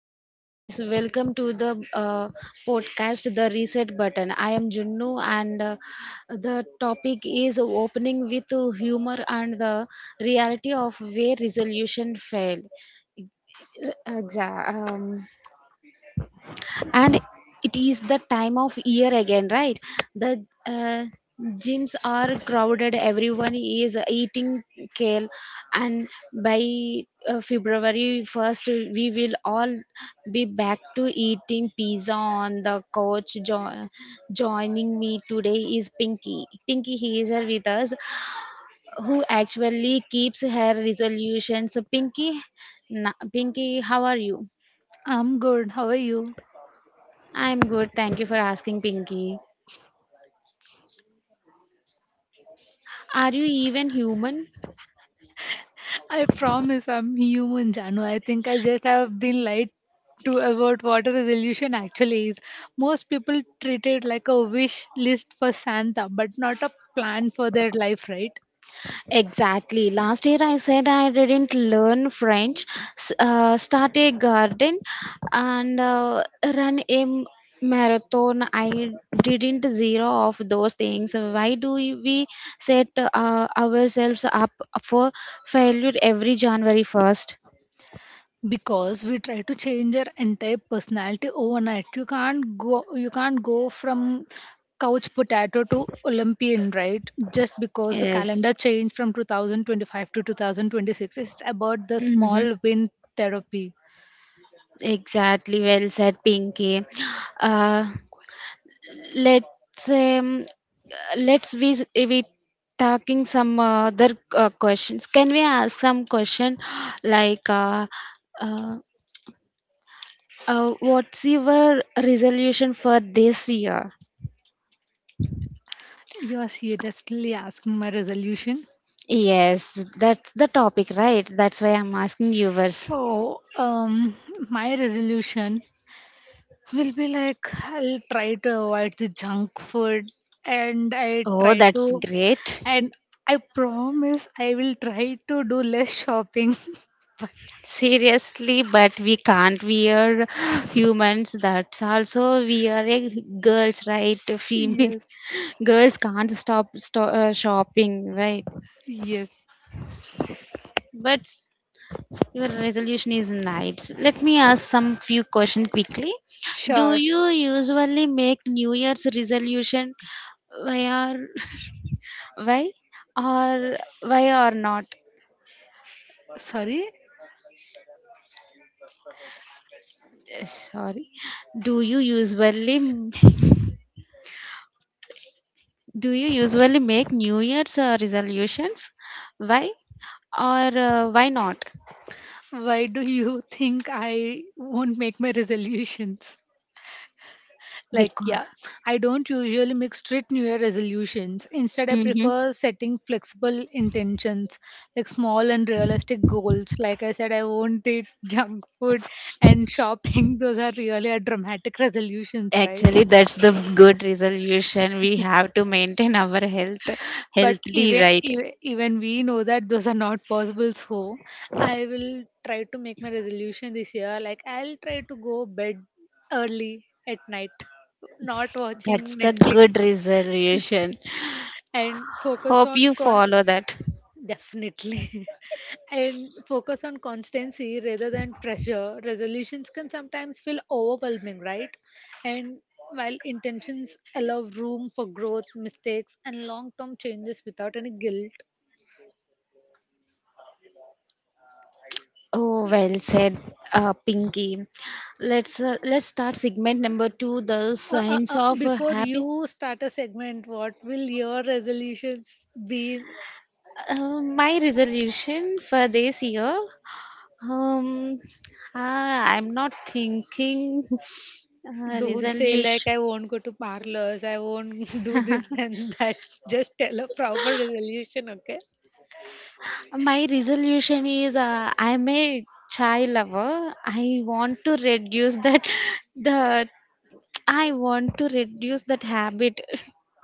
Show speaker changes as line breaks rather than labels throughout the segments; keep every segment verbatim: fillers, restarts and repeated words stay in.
hello guys. Welcome to the uh, podcast, The Reset Button. I am Junnu, and uh, the topic is opening with humor and the reality of where resolution fail. Exactly, and it is the time of year again, right? The uh, gyms are crowded, everyone is eating kale, and by uh, february first we will all be back to eating pizza on the couch. Jo- joining me today is pinky pinky He is here with us, who actually keeps her resolutions. Pinky, na- pinky, how are you?
I'm good. How are you?
I'm good, thank you for asking, Pinky. Are you even human?
I promise I'm human, Janu. I think I just have been lied to about what a resolution actually is. Most people treat it like a wish list for Santa, but not a plan for their life, right?
Exactly. Last year I said I didn't learn French, s- uh, start a garden, and uh, run a m- marathon. I didn't zero off those things. Why do we set uh, ourselves up for failure every January first?
Because we try to change our entire personality overnight. You can't go you can't go from couch potato to Olympian, right? Just because the calendar
Yes.
changed from two thousand twenty-five to two thousand twenty-six. It's about the
Mm-hmm.
small win therapy.
Exactly. Well said, Pinky. Uh, Let's um, let's we we talking some uh, other uh, questions. Can we ask some question like uh, uh, uh, what's your resolution for this year?
You are seriously asking my resolution?
Yes, that's the topic, right? That's why I'm asking yours.
So, um, my resolution will be like I'll try to avoid the junk food and I
Oh,
try
that's
to,
great.
and I promise I will try to do less shopping. But
Seriously, but we can't, we are humans, that's also we are a girls, right? Female.
yes,
Girls can't stop sto- uh, shopping, right?
yes,
But s- your resolution is nice. Let me ask some few question quickly. Do
sure.
you usually make new year's resolution? Why are why or why or not?
Sorry?
Sorry? do you usually Do you usually make New Year's uh, resolutions? Why or uh, why not?
Why do you think I won't make my resolutions? Like,
Because.
yeah. I don't usually make strict New Year resolutions. Instead, I
Hmm.
prefer setting flexible intentions, like small and realistic goals. Like I said, I won't eat junk food and shopping. Those are really a dramatic resolutions, right?
Actually, that's the good resolution. We have to maintain our health
But
healthily,
even
right?
even even we know that those are not possible, so I will try to make my resolution this year. Like, I'll try to go bed early at night, not watching
That's the good
Netflix
resolution.
and focus
Hope
on
you
con-
follow that.
definitely. And focus on constancy rather than pressure. Resolutions can sometimes feel overwhelming, right? And while intentions allow room for growth, mistakes, and long term changes without any guilt.
Oh, well said, uh, Pinky. Let's uh, let's start segment number two, the
Uh, uh,
signs
uh,
of a
before
happy.
you start a segment, what will your resolutions be?
Uh, my resolution for this year. Um, Ah, I'm not thinking uh,
Don't say like
resolution.
I won't go to parlors, I won't do this and that. Just tell a proper resolution, okay?
My resolution is uh, I'm a chai lover. I want to reduce that. The I want to reduce that habit.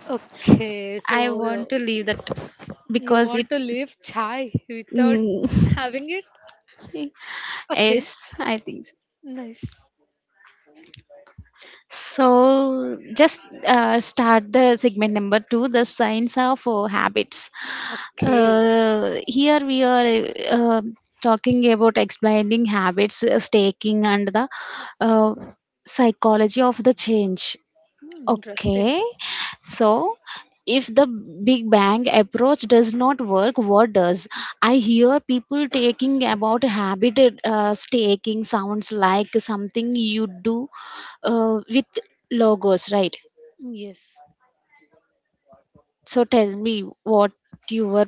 Okay,
I want
so
to leave that
you
because it.
want to live chai without
Mm.
having it? Okay,
Yes, I think so.
nice.
So just uh, start the segment number two, the signs of uh, habits.
Okay.
Uh, here we are uh, talking about explaining habits, uh, staking, and the uh, psychology of the change.
Hmm, interesting.
Okay, so if the big bang approach does not work, what does? I hear people taking about habit uh, staking sounds like something you do uh, with logos, right?
Yes.
So tell me what your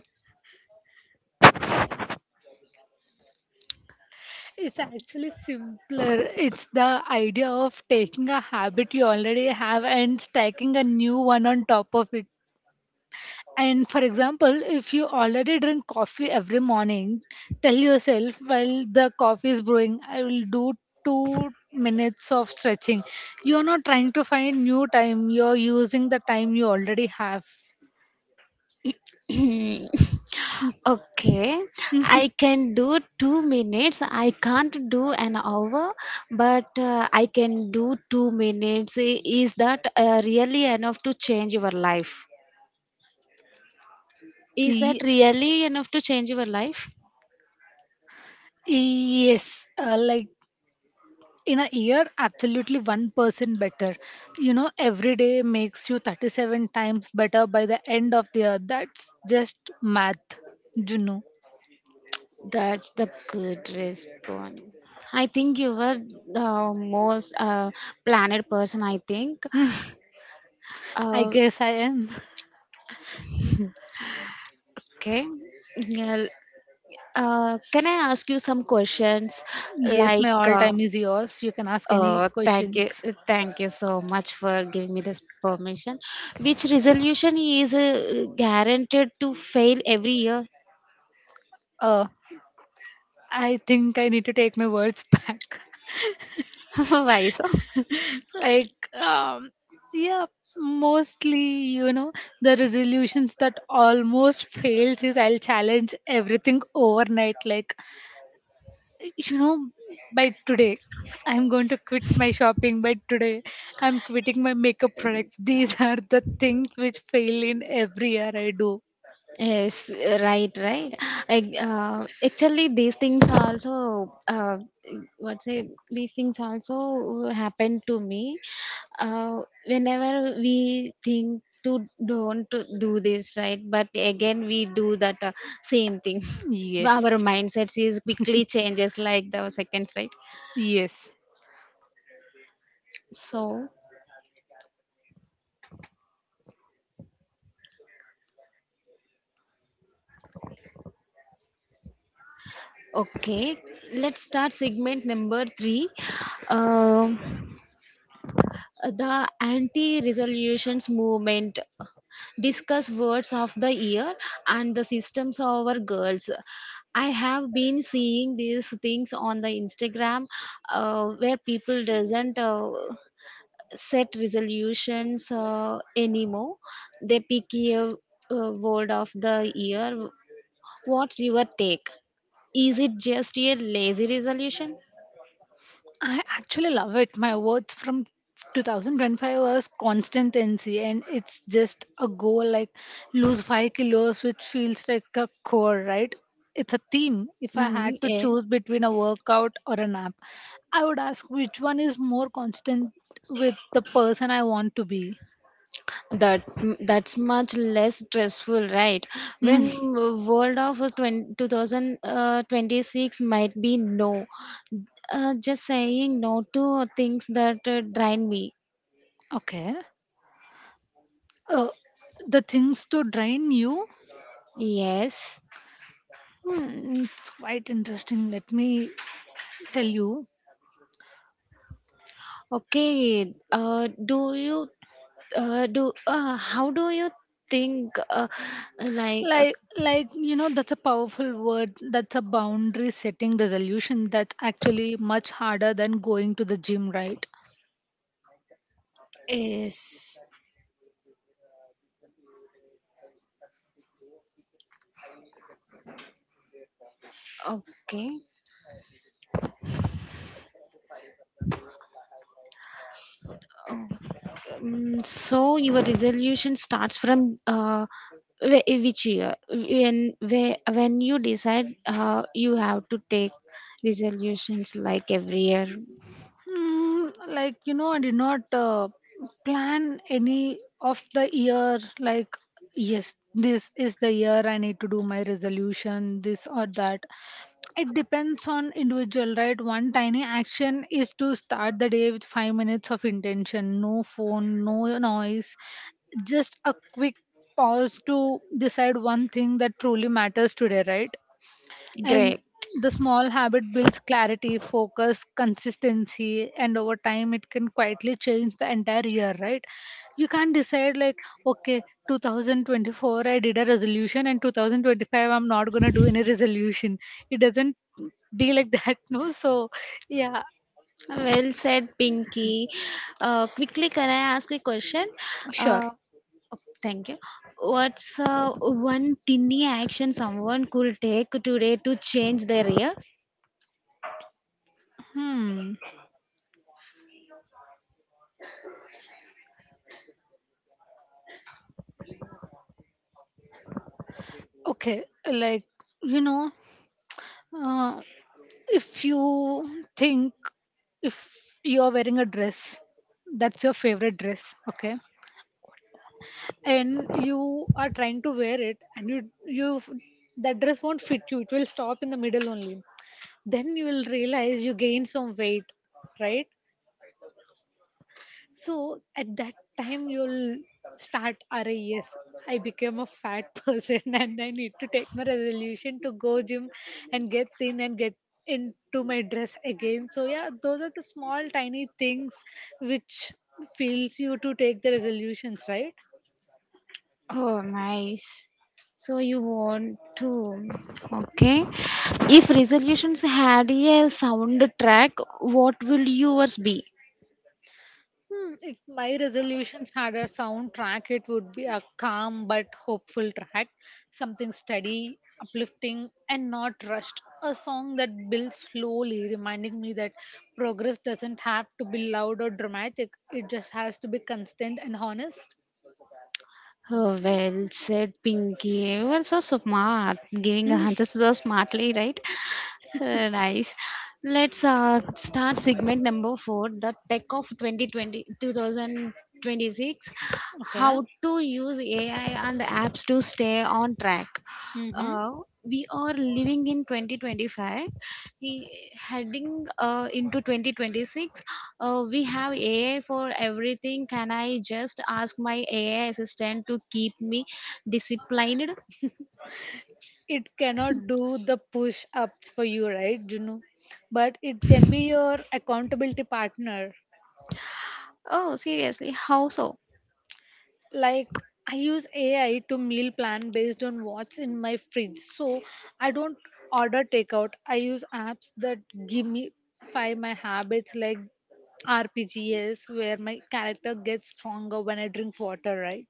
It's actually simpler. It's the idea of taking a habit you already have and stacking a new one on top of it. And for example, if you already drink coffee every morning, tell yourself while the coffee is brewing, I will do two minutes of stretching. You're not trying to find new time, you're using the time you already have.
okay, I can do two minutes. I can't do an hour, but uh, I can do two minutes. I- Is that uh, really enough to change your life? Is that
Ye-
really enough to change your life?
yes, uh, like, in a year, absolutely one percent better. You know, every day makes you thirty-seven times better by the end of the year. That's just math, you know.
That's the good response. I think you were the most uh, planned person, I think.
I
Uh,
guess I am.
okay. Yeah. Uh, can I ask you some questions
Yes, my
like.
all
Uh,
time is yours. You can ask any
Uh, thank you,
questions.
thank you so much for giving me this permission. Which resolution is uh, guaranteed to fail every year?
Uh, I think I need to take my words back.
Why so?
like, um, yeah, mostly, you know, the resolutions that almost fails is I'll challenge everything overnight. Like, you know, by today, I'm going to quit my shopping. By today, I'm quitting my makeup products. These are the things which fail in every year I do.
Yes, right, right. Like, uh, actually, these things also, uh, what say, these things also happen to me. Uh, whenever we think to don't do this, right? But again, we do that uh, same thing. Our
Yes.
mindsets is quickly changes like the seconds, right?
Yes.
So, okay, let's start segment number three. Um the anti-resolutions movement, discuss words of the year and the systems of our girls. I have been seeing these things on the instagram uh, where people doesn't uh, set resolutions uh, anymore. They pick a, uh word of the year. What's your take? Is it just a lazy resolution?
I actually love it. My words from two thousand twenty-five was consistency, and it's just a goal like lose five kilos, which feels like a core, right? It's a theme. If I
Mm,
had to
yeah.
choose between a workout or a nap, I would ask which one is more constant with the person I want to be.
That that's much less stressful, right?
Hmm,
When world of Twenty Two Thousand Twenty Six might be no, uh, just saying no to things that uh, drain me.
okay. Uh, the things to drain you.
Yes.
Hmm, it's quite interesting. Let me tell you.
Okay. uh, do you uh, do uh, how do you think uh, like uh,
like like you know that's a powerful word. That's a boundary setting resolution. That's actually much harder than going to the gym, right.
is. Okay. Um, um, so your resolution starts from uh, wh- which year when where, when you decide uh, you have to take resolutions like every year?
Mm, like, you know I did not uh, plan any of the year. Like, yes, this is the year I need to do my resolution, this or that. It depends on individual, right? One tiny action is to start the day with five minutes of intention, no phone, no noise, just a quick pause to decide one thing that truly matters today, right? And
Great,
the small habit builds clarity, focus, consistency, and over time it can quietly change the entire year, right? You can't decide like, okay, twenty twenty-four I did a resolution and twenty twenty-five I'm not gonna do any resolution. It doesn't be like that, no? So yeah,
well said, pinky. uh, quickly, can I ask a question?
sure.
uh, oh, thank you. What's uh, one tiny action someone could take today to change their year?
Hmm. Okay, like you know, uh, if you think if you are wearing a dress that's your favorite dress, okay, and you are trying to wear it, and you you that dress won't fit you, it will stop in the middle only, then you will realize you gain some weight, right? So at that time, you'll start, Array, yes, I became a fat person and I need to take my resolution to go gym and get thin and get into my dress again. So yeah, those are the small tiny things which feels you to take the resolutions, right?
Oh, nice. So you want to. Okay. If resolutions had a soundtrack, what will yours be?
Hmm, if my resolutions had a soundtrack, it would be a calm but hopeful track, something steady, uplifting, and not rushed. A song that builds slowly, reminding me that progress doesn't have to be loud or dramatic, it just has to be constant and honest.
Oh, well said, Pinky. You are so smart. Giving answers so smartly, right? Uh, nice. Let's uh, start segment number four, the tech of two thousand twenty, two thousand twenty-six.
Okay.
How to use A I and apps to stay on track.
Mm-hmm.
Uh, we are living in twenty twenty-five, He- heading uh, into twenty twenty-six. Uh, we have A I for everything. Can I just ask my A I assistant to keep me disciplined?
It cannot do the push ups for you, right, Juno? But it can be your accountability partner.
Oh, seriously, how so?
Like, I use A I to meal plan based on what's in my fridge. So I don't order takeout. I use apps that give me five my habits like R P Gs where my character gets stronger when I drink water, right?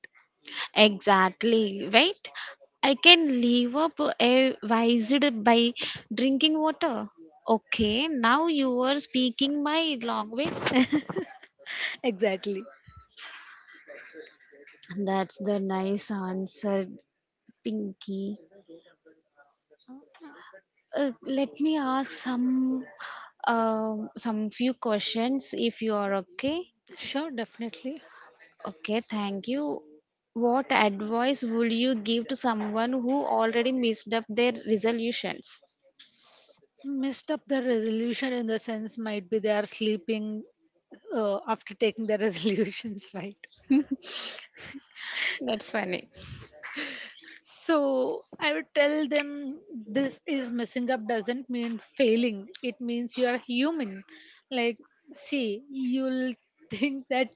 Exactly, right? I can live up a wised by drinking water. Okay, now you are speaking my language.
Exactly.
That's the nice answer, Pinky. Uh, let me ask some um some few questions if you are okay.
Sure, definitely.
Okay, thank you. What advice would you give to someone who already messed up their resolutions?
Missed up the resolution in the sense might be they are sleeping uh, after taking their resolutions, right?
That's funny.
So I would tell them, this is messing up doesn't mean failing, it means you are human. Like, see, you'll think that.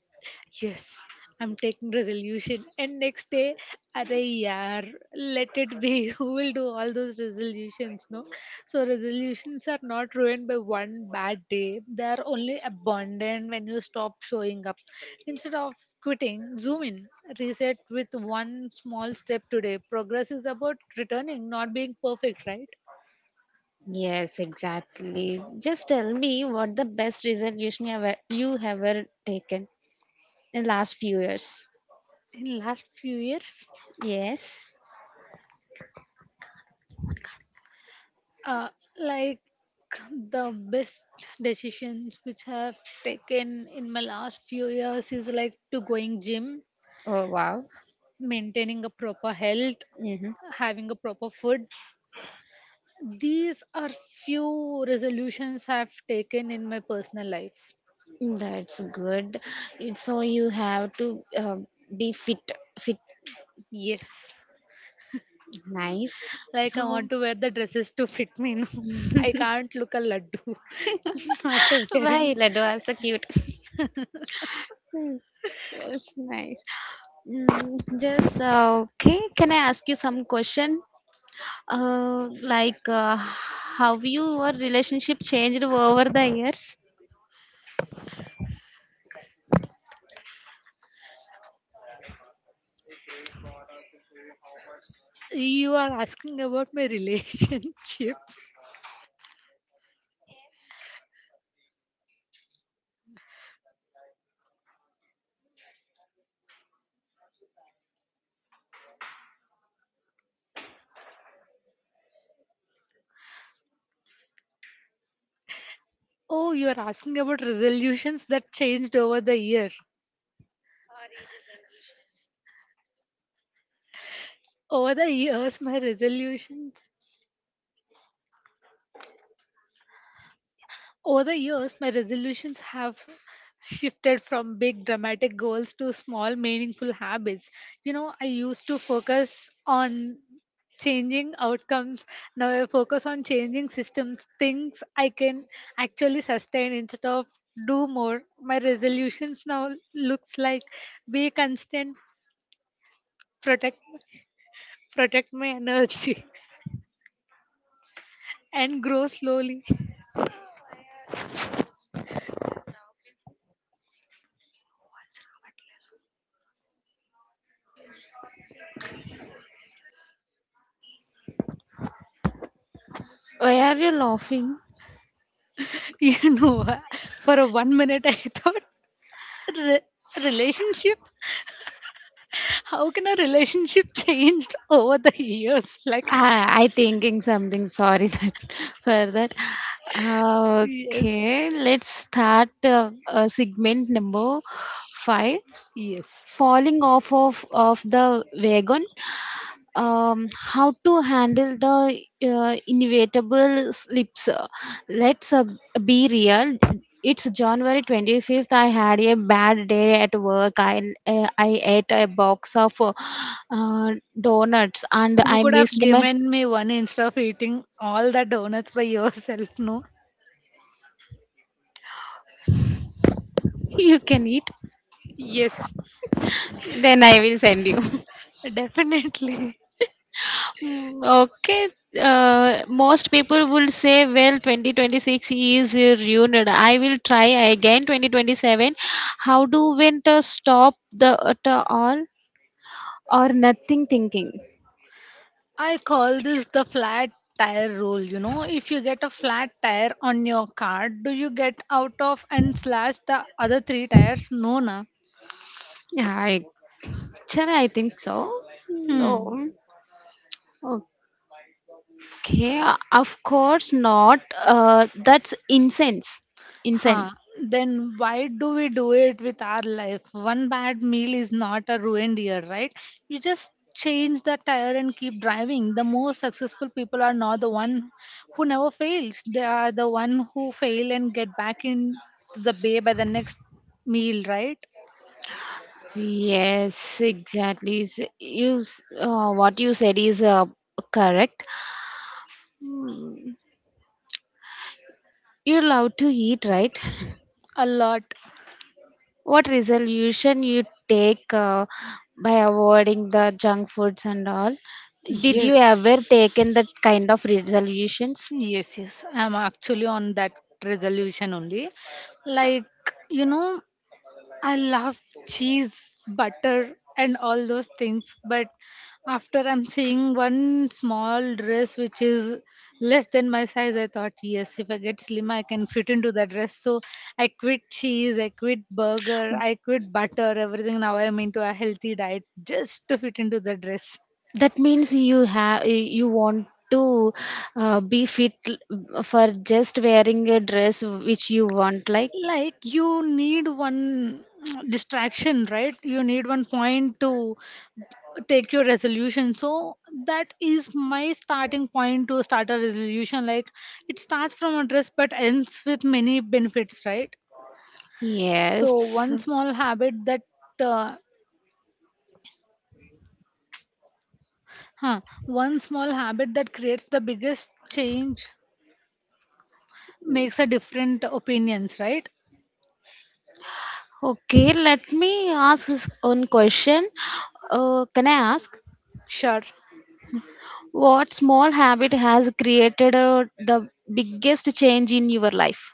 Yes, I'm taking resolution. And next day, are yaar, let it be. Who will do all those resolutions? No. So resolutions are not ruined by one bad day. They are only abandoned when you stop showing up. Instead of quitting, zoom in. Reset with one small step today. Progress is about returning, not being perfect, right?
Yes, exactly. Just tell me what the best resolution you ever you ever taken in last few years.
In last few years.
Yes.
uh, like, the best decisions which I have taken in my last few years is like to going gym,
Oh wow.
maintaining a proper health,
Hmm.
having a proper food. These are few resolutions I've taken in my personal life.
That's good. It- So you have to uh, be fit, fit,
Yes.
nice.
Like, I
So.
want to wear the dresses to fit me. No, I can't look a laddu after wearing.
Why, Lado? I'm so cute. Hmm, that's nice. Mm, just uh, okay. Can I ask you some question? Uh, like, uh, have your relationship changed over the years?
You are asking about my relationships? Oh, you are asking about resolutions that changed over the year. Over the years, my resolutions over the years my resolutions have shifted from big dramatic goals to small meaningful habits. You know, I used to focus on changing outcomes. Now I focus on changing systems, things I can actually sustain instead of do more. My resolutions now looks like be constant, protect protect my energy and grow slowly.
Why are you laughing?
You know, uh, for a one minute I thought, "Re- relationship? How can a relationship changed over the years? Like,
Ah, I thinking something. Sorry that for that. Uh,
yes,
Okay, let's start uh, uh, segment number five.
yes."
Falling off of, of the wagon, um, how to handle the uh, inevitable slips. Let's uh, be real. It's january twenty-fifth, I had a bad day at work. i uh, I ate a box of uh, donuts, and
You
I
could have
missed my.
given me one instead of eating all the donuts by yourself, no?
You can eat,
Yes,
then I will send you.
definitely.
Hmm. Okay, uh, most people will say, well, twenty twenty-six is uh, ruined. I will try again twenty twenty-seven. How do winter stop the at all? Or nothing thinking.
I call this the flat tire rule. You know, if you get a flat tire on your car, do you get out of and slash the other three tires? No, na.
I actually I think so.
Hmm.
No. Okay, of course not. Uh, that's incense. Incense.
Huh. Then why do we do it with our life? One bad meal is not a ruined year, right? You just change the tire and keep driving. The most successful people are not the one who never fails. They are the one who fail and get back in the bay by the next meal, right?
Yes, exactly. S- you s- uh, what you said is uh, correct. You love to eat, right?
A lot.
What resolution you take uh, by avoiding the junk foods and all? Did you ever taken that
Yes,
kind of resolutions?
yes, yes. I'm actually on that resolution only. Like, you know, I love cheese, butter, and all those things. But after I'm seeing one small dress which is less than my size, I thought, yes, if I get slim, I can fit into that dress. So I quit cheese, I quit burger, I quit butter, everything. Now I'm into a healthy diet just to fit into the dress.
That means you have you want to uh, be fit l- for just wearing a dress which you want, like,
Like, you need one distraction, right? You need one point to take your resolution. So that is my starting point to start a resolution. Like, it starts from a dress but ends with many benefits, right? So
yes.
one small habit that uh, huh, one small habit that creates the biggest change makes a different opinions, right?
Okay, let me ask this one question. Uh, can I ask?
Sure.
What small habit has created uh, the biggest change in your life?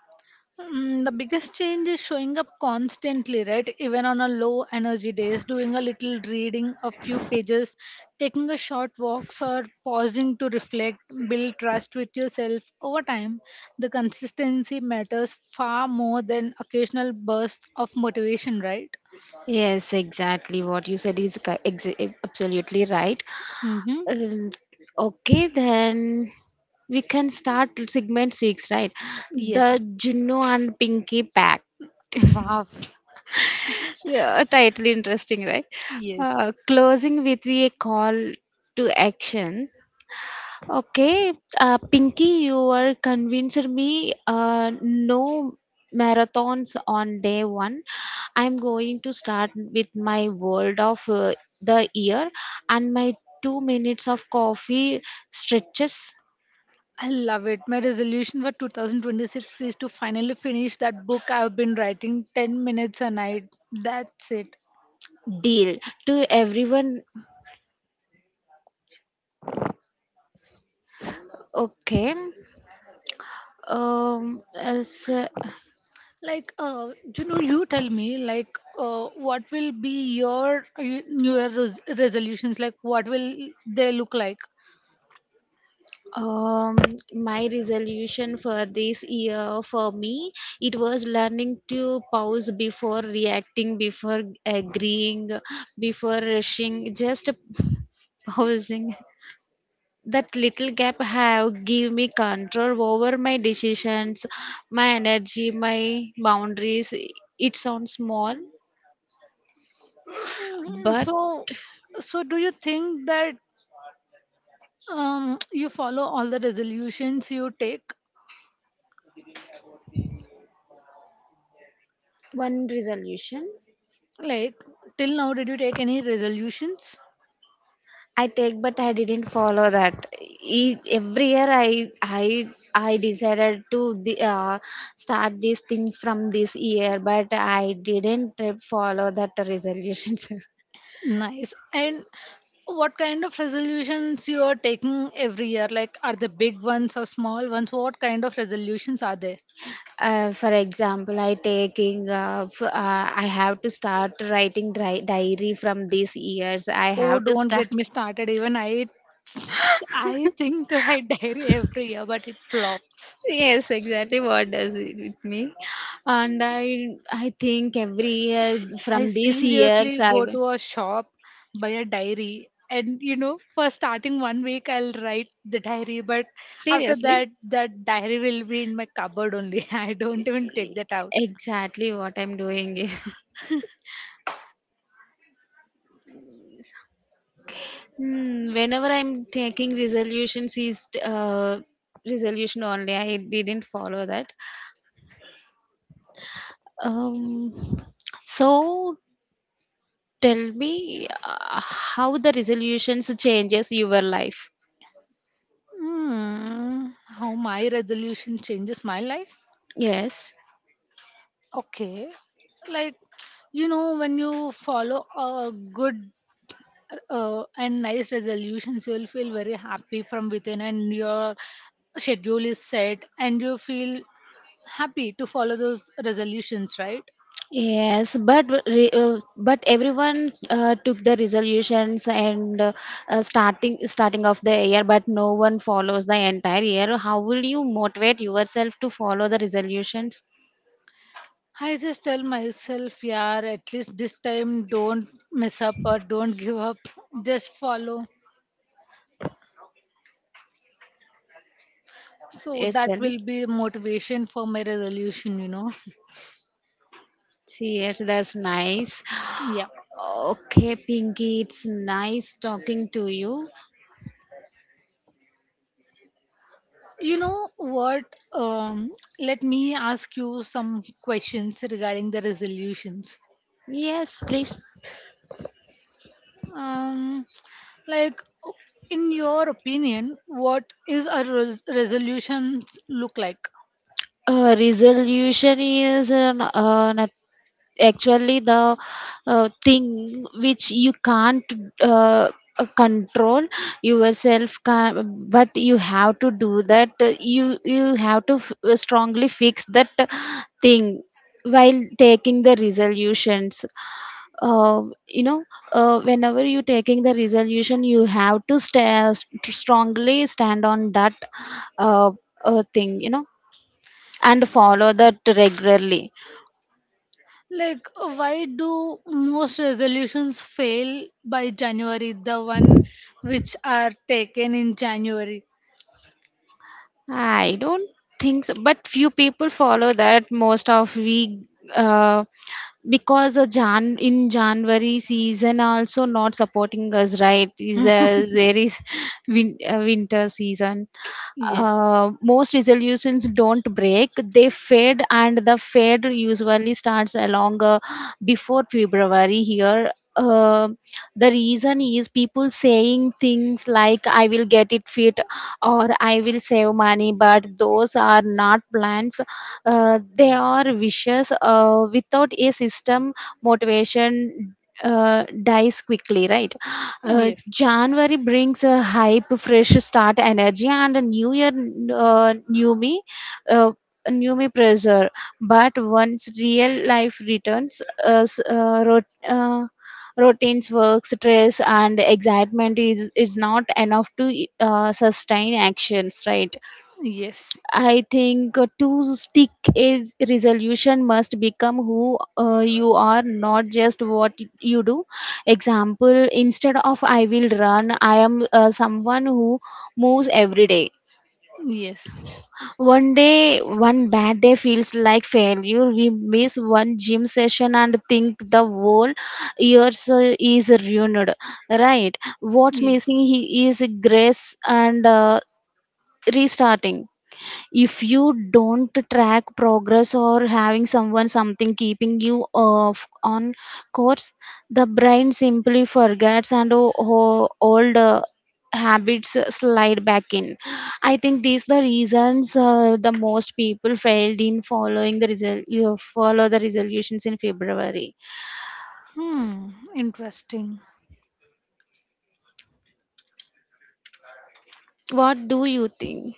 Mm, the biggest change is showing up constantly, right? Even on a low energy days, doing a little reading, a few pages, taking a short walks or pausing to reflect, build trust with yourself over time. The consistency matters far more than occasional bursts of motivation, right?
Yes, exactly. What you said is co- ex- absolutely right.
Mm-hmm.
Um, okay, then we can start segment six, right? The
Yes.
Juno and Pinky Pack.
Wow.
Yeah, totally interesting, right?
Yes.
Uh, closing with a call to action. Okay, uh, Pinky, you are convinced me. Uh, no marathons on day one. I'm going to start with my world of uh, the year and my two minutes of coffee stretches
I love it. My resolution for two thousand twenty-six is to finally finish that book I've been writing ten minutes a night. That's it.
deal to everyone. Okay, um, as, uh,
Like, uh, you know, you tell me, like, uh, what will be your uh, New Year res- resolutions? Like, what will they look like?
Um, my resolution for this year for me, it was learning to pause before reacting, before agreeing, before rushing, just pausing. That little gap have give me control over my decisions, my energy, my boundaries. It sounds small,
Mm,
but
So, so do you think that um, you follow all the resolutions you take?
one resolution
Like, till now, did you take any resolutions?
I take, but I didn't follow that. Each, every year, I I I decided to the, uh, start these things from this year, but I didn't uh, follow that resolutions.
Nice. And what kind of resolutions you are taking every year? Like, are they big ones or small ones? What kind of resolutions are they?
uh, for example, I taking uh, f- uh, I have to start writing dri- diary from these years. I
Oh,
have to
don't
start.
get me started. Even I, I think that I diary every year, but it flops.
Yes, exactly. What does it with me? And I I think every year
I
from these years
seriously
I
go
will.
to a shop, buy a diary, and you know, for starting one week, I'll write the diary, but after
Seriously?
that, that diary will be in my cupboard only. I don't even take that out.
Exactly what I'm doing is. Hmm, whenever I'm taking resolutions is uh, resolution only. I didn't follow that. Um, so tell me uh, how the resolutions changes your life.
Hmm, how my resolution changes my life?
Yes.
Okay, like you know, when you follow a good uh, and nice resolutions, you will feel very happy from within, and your schedule is set and you feel happy to follow those resolutions, right?
Yes, but re- uh, but everyone uh, took the resolutions and uh, uh, starting starting of the year, but no one follows the entire year. How will you motivate yourself to follow the resolutions?
I just tell myself, yeah, at least this time, don't mess up or don't give up, just follow. So
Yes,
that
tell me.
will be motivation for my resolution you know
See, yes, that's nice.
Yeah.
Okay, Pinky, it's nice talking to you.
You know what, um, let me ask you some questions regarding the resolutions.
Yes, please.
Um, like, in your opinion, what is a res- resolutions look like?
Uh, resolution is uh, n- uh, nothing. Actually the uh, thing which you can't uh, uh, control yourself can, but you have to do that uh, you you have to f- uh, strongly fix that uh, thing while taking the resolutions. uh, you know, uh, whenever you taking the resolution, you have to sta st- strongly stand on that uh, uh, thing, you know, and follow that regularly.
Like, why do most resolutions fail by January? The one which are taken in January.
I don't think so, but few people follow that. Most of we, uh, because a Jan in January season also not supporting us, right? Is a very s- win, uh, winter season.
Yes.
Uh, most resolutions don't break; they fade, and the fade usually starts along uh, before February here. Uh, the reason is people saying things like "I will get it fit," or I will save money, but those are not plans. Uh, they are wishes. Uh, without a system, motivation uh, dies quickly, right? Uh,
Yes.
January brings a hype, fresh start energy, and a new year, uh, new me. Uh, new me pressure, but once real life returns uh, s- uh, rot- uh, routines, work, stress, and excitement is is not enough to uh, sustain actions, right?
Yes.
I think uh, to stick a resolution must become who uh, you are, not just what you do. Example: Instead of I will run, I am uh, someone who moves every day.
Yes.
One day, one bad day feels like failure. We miss one gym session and think the whole year so- is ruined. Right? What's
Yes.
missing he- is grace and uh, restarting. If you don't track progress or having someone something keeping you off on course, the brain simply forgets and o- o- old uh, habits slide back in. I think these the reasons uh, the most people failed in following the resol- you follow the resolutions in february.
Hmm. Interesting.
What do you think?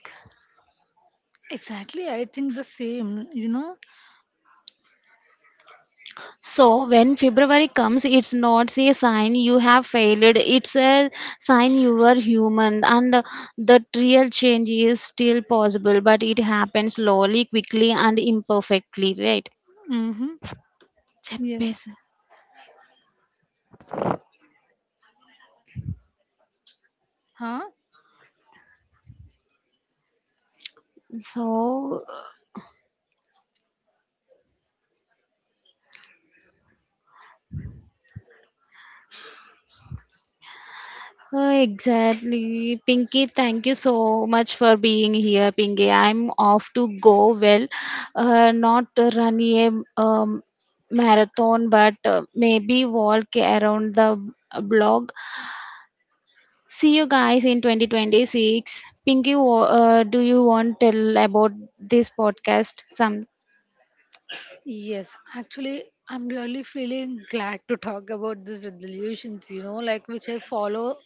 Exactly. I think the same. You know.
So when February comes, it's not a sign you have failed. It's a sign you are human, and the real change is still possible, but it happens slowly, quickly, and imperfectly. Right?
Mhm. Yes.
చెప్పేసా.
Huh?
So uh, exactly, Pinky. Thank you so much for being here, Pinky. I'm off to go. Well, uh, not run a um, marathon, but uh, maybe walk around the blog. See you guys in twenty twenty-six. Pinky, wa- uh, do you want to tell about this podcast? Some
Yes. Actually, I'm really feeling glad to talk about these resolutions, you know, like which I follow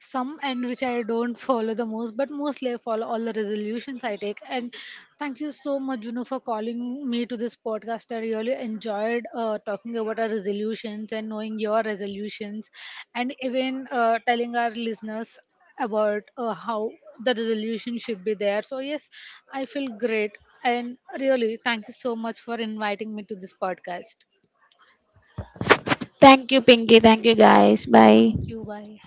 some and which I don't follow the most, but mostly I follow all the resolutions I take. And thank you so much, Juno, for calling me to this podcast. I really enjoyed uh, talking about our resolutions and knowing your resolutions, and even uh, telling our listeners about uh, how the resolution should be there. So, yes, I feel great. And really, thank you so much for inviting me to this podcast.
thank you, Pinky. Thank you, guys.
Thank
Bye.
you. Bye.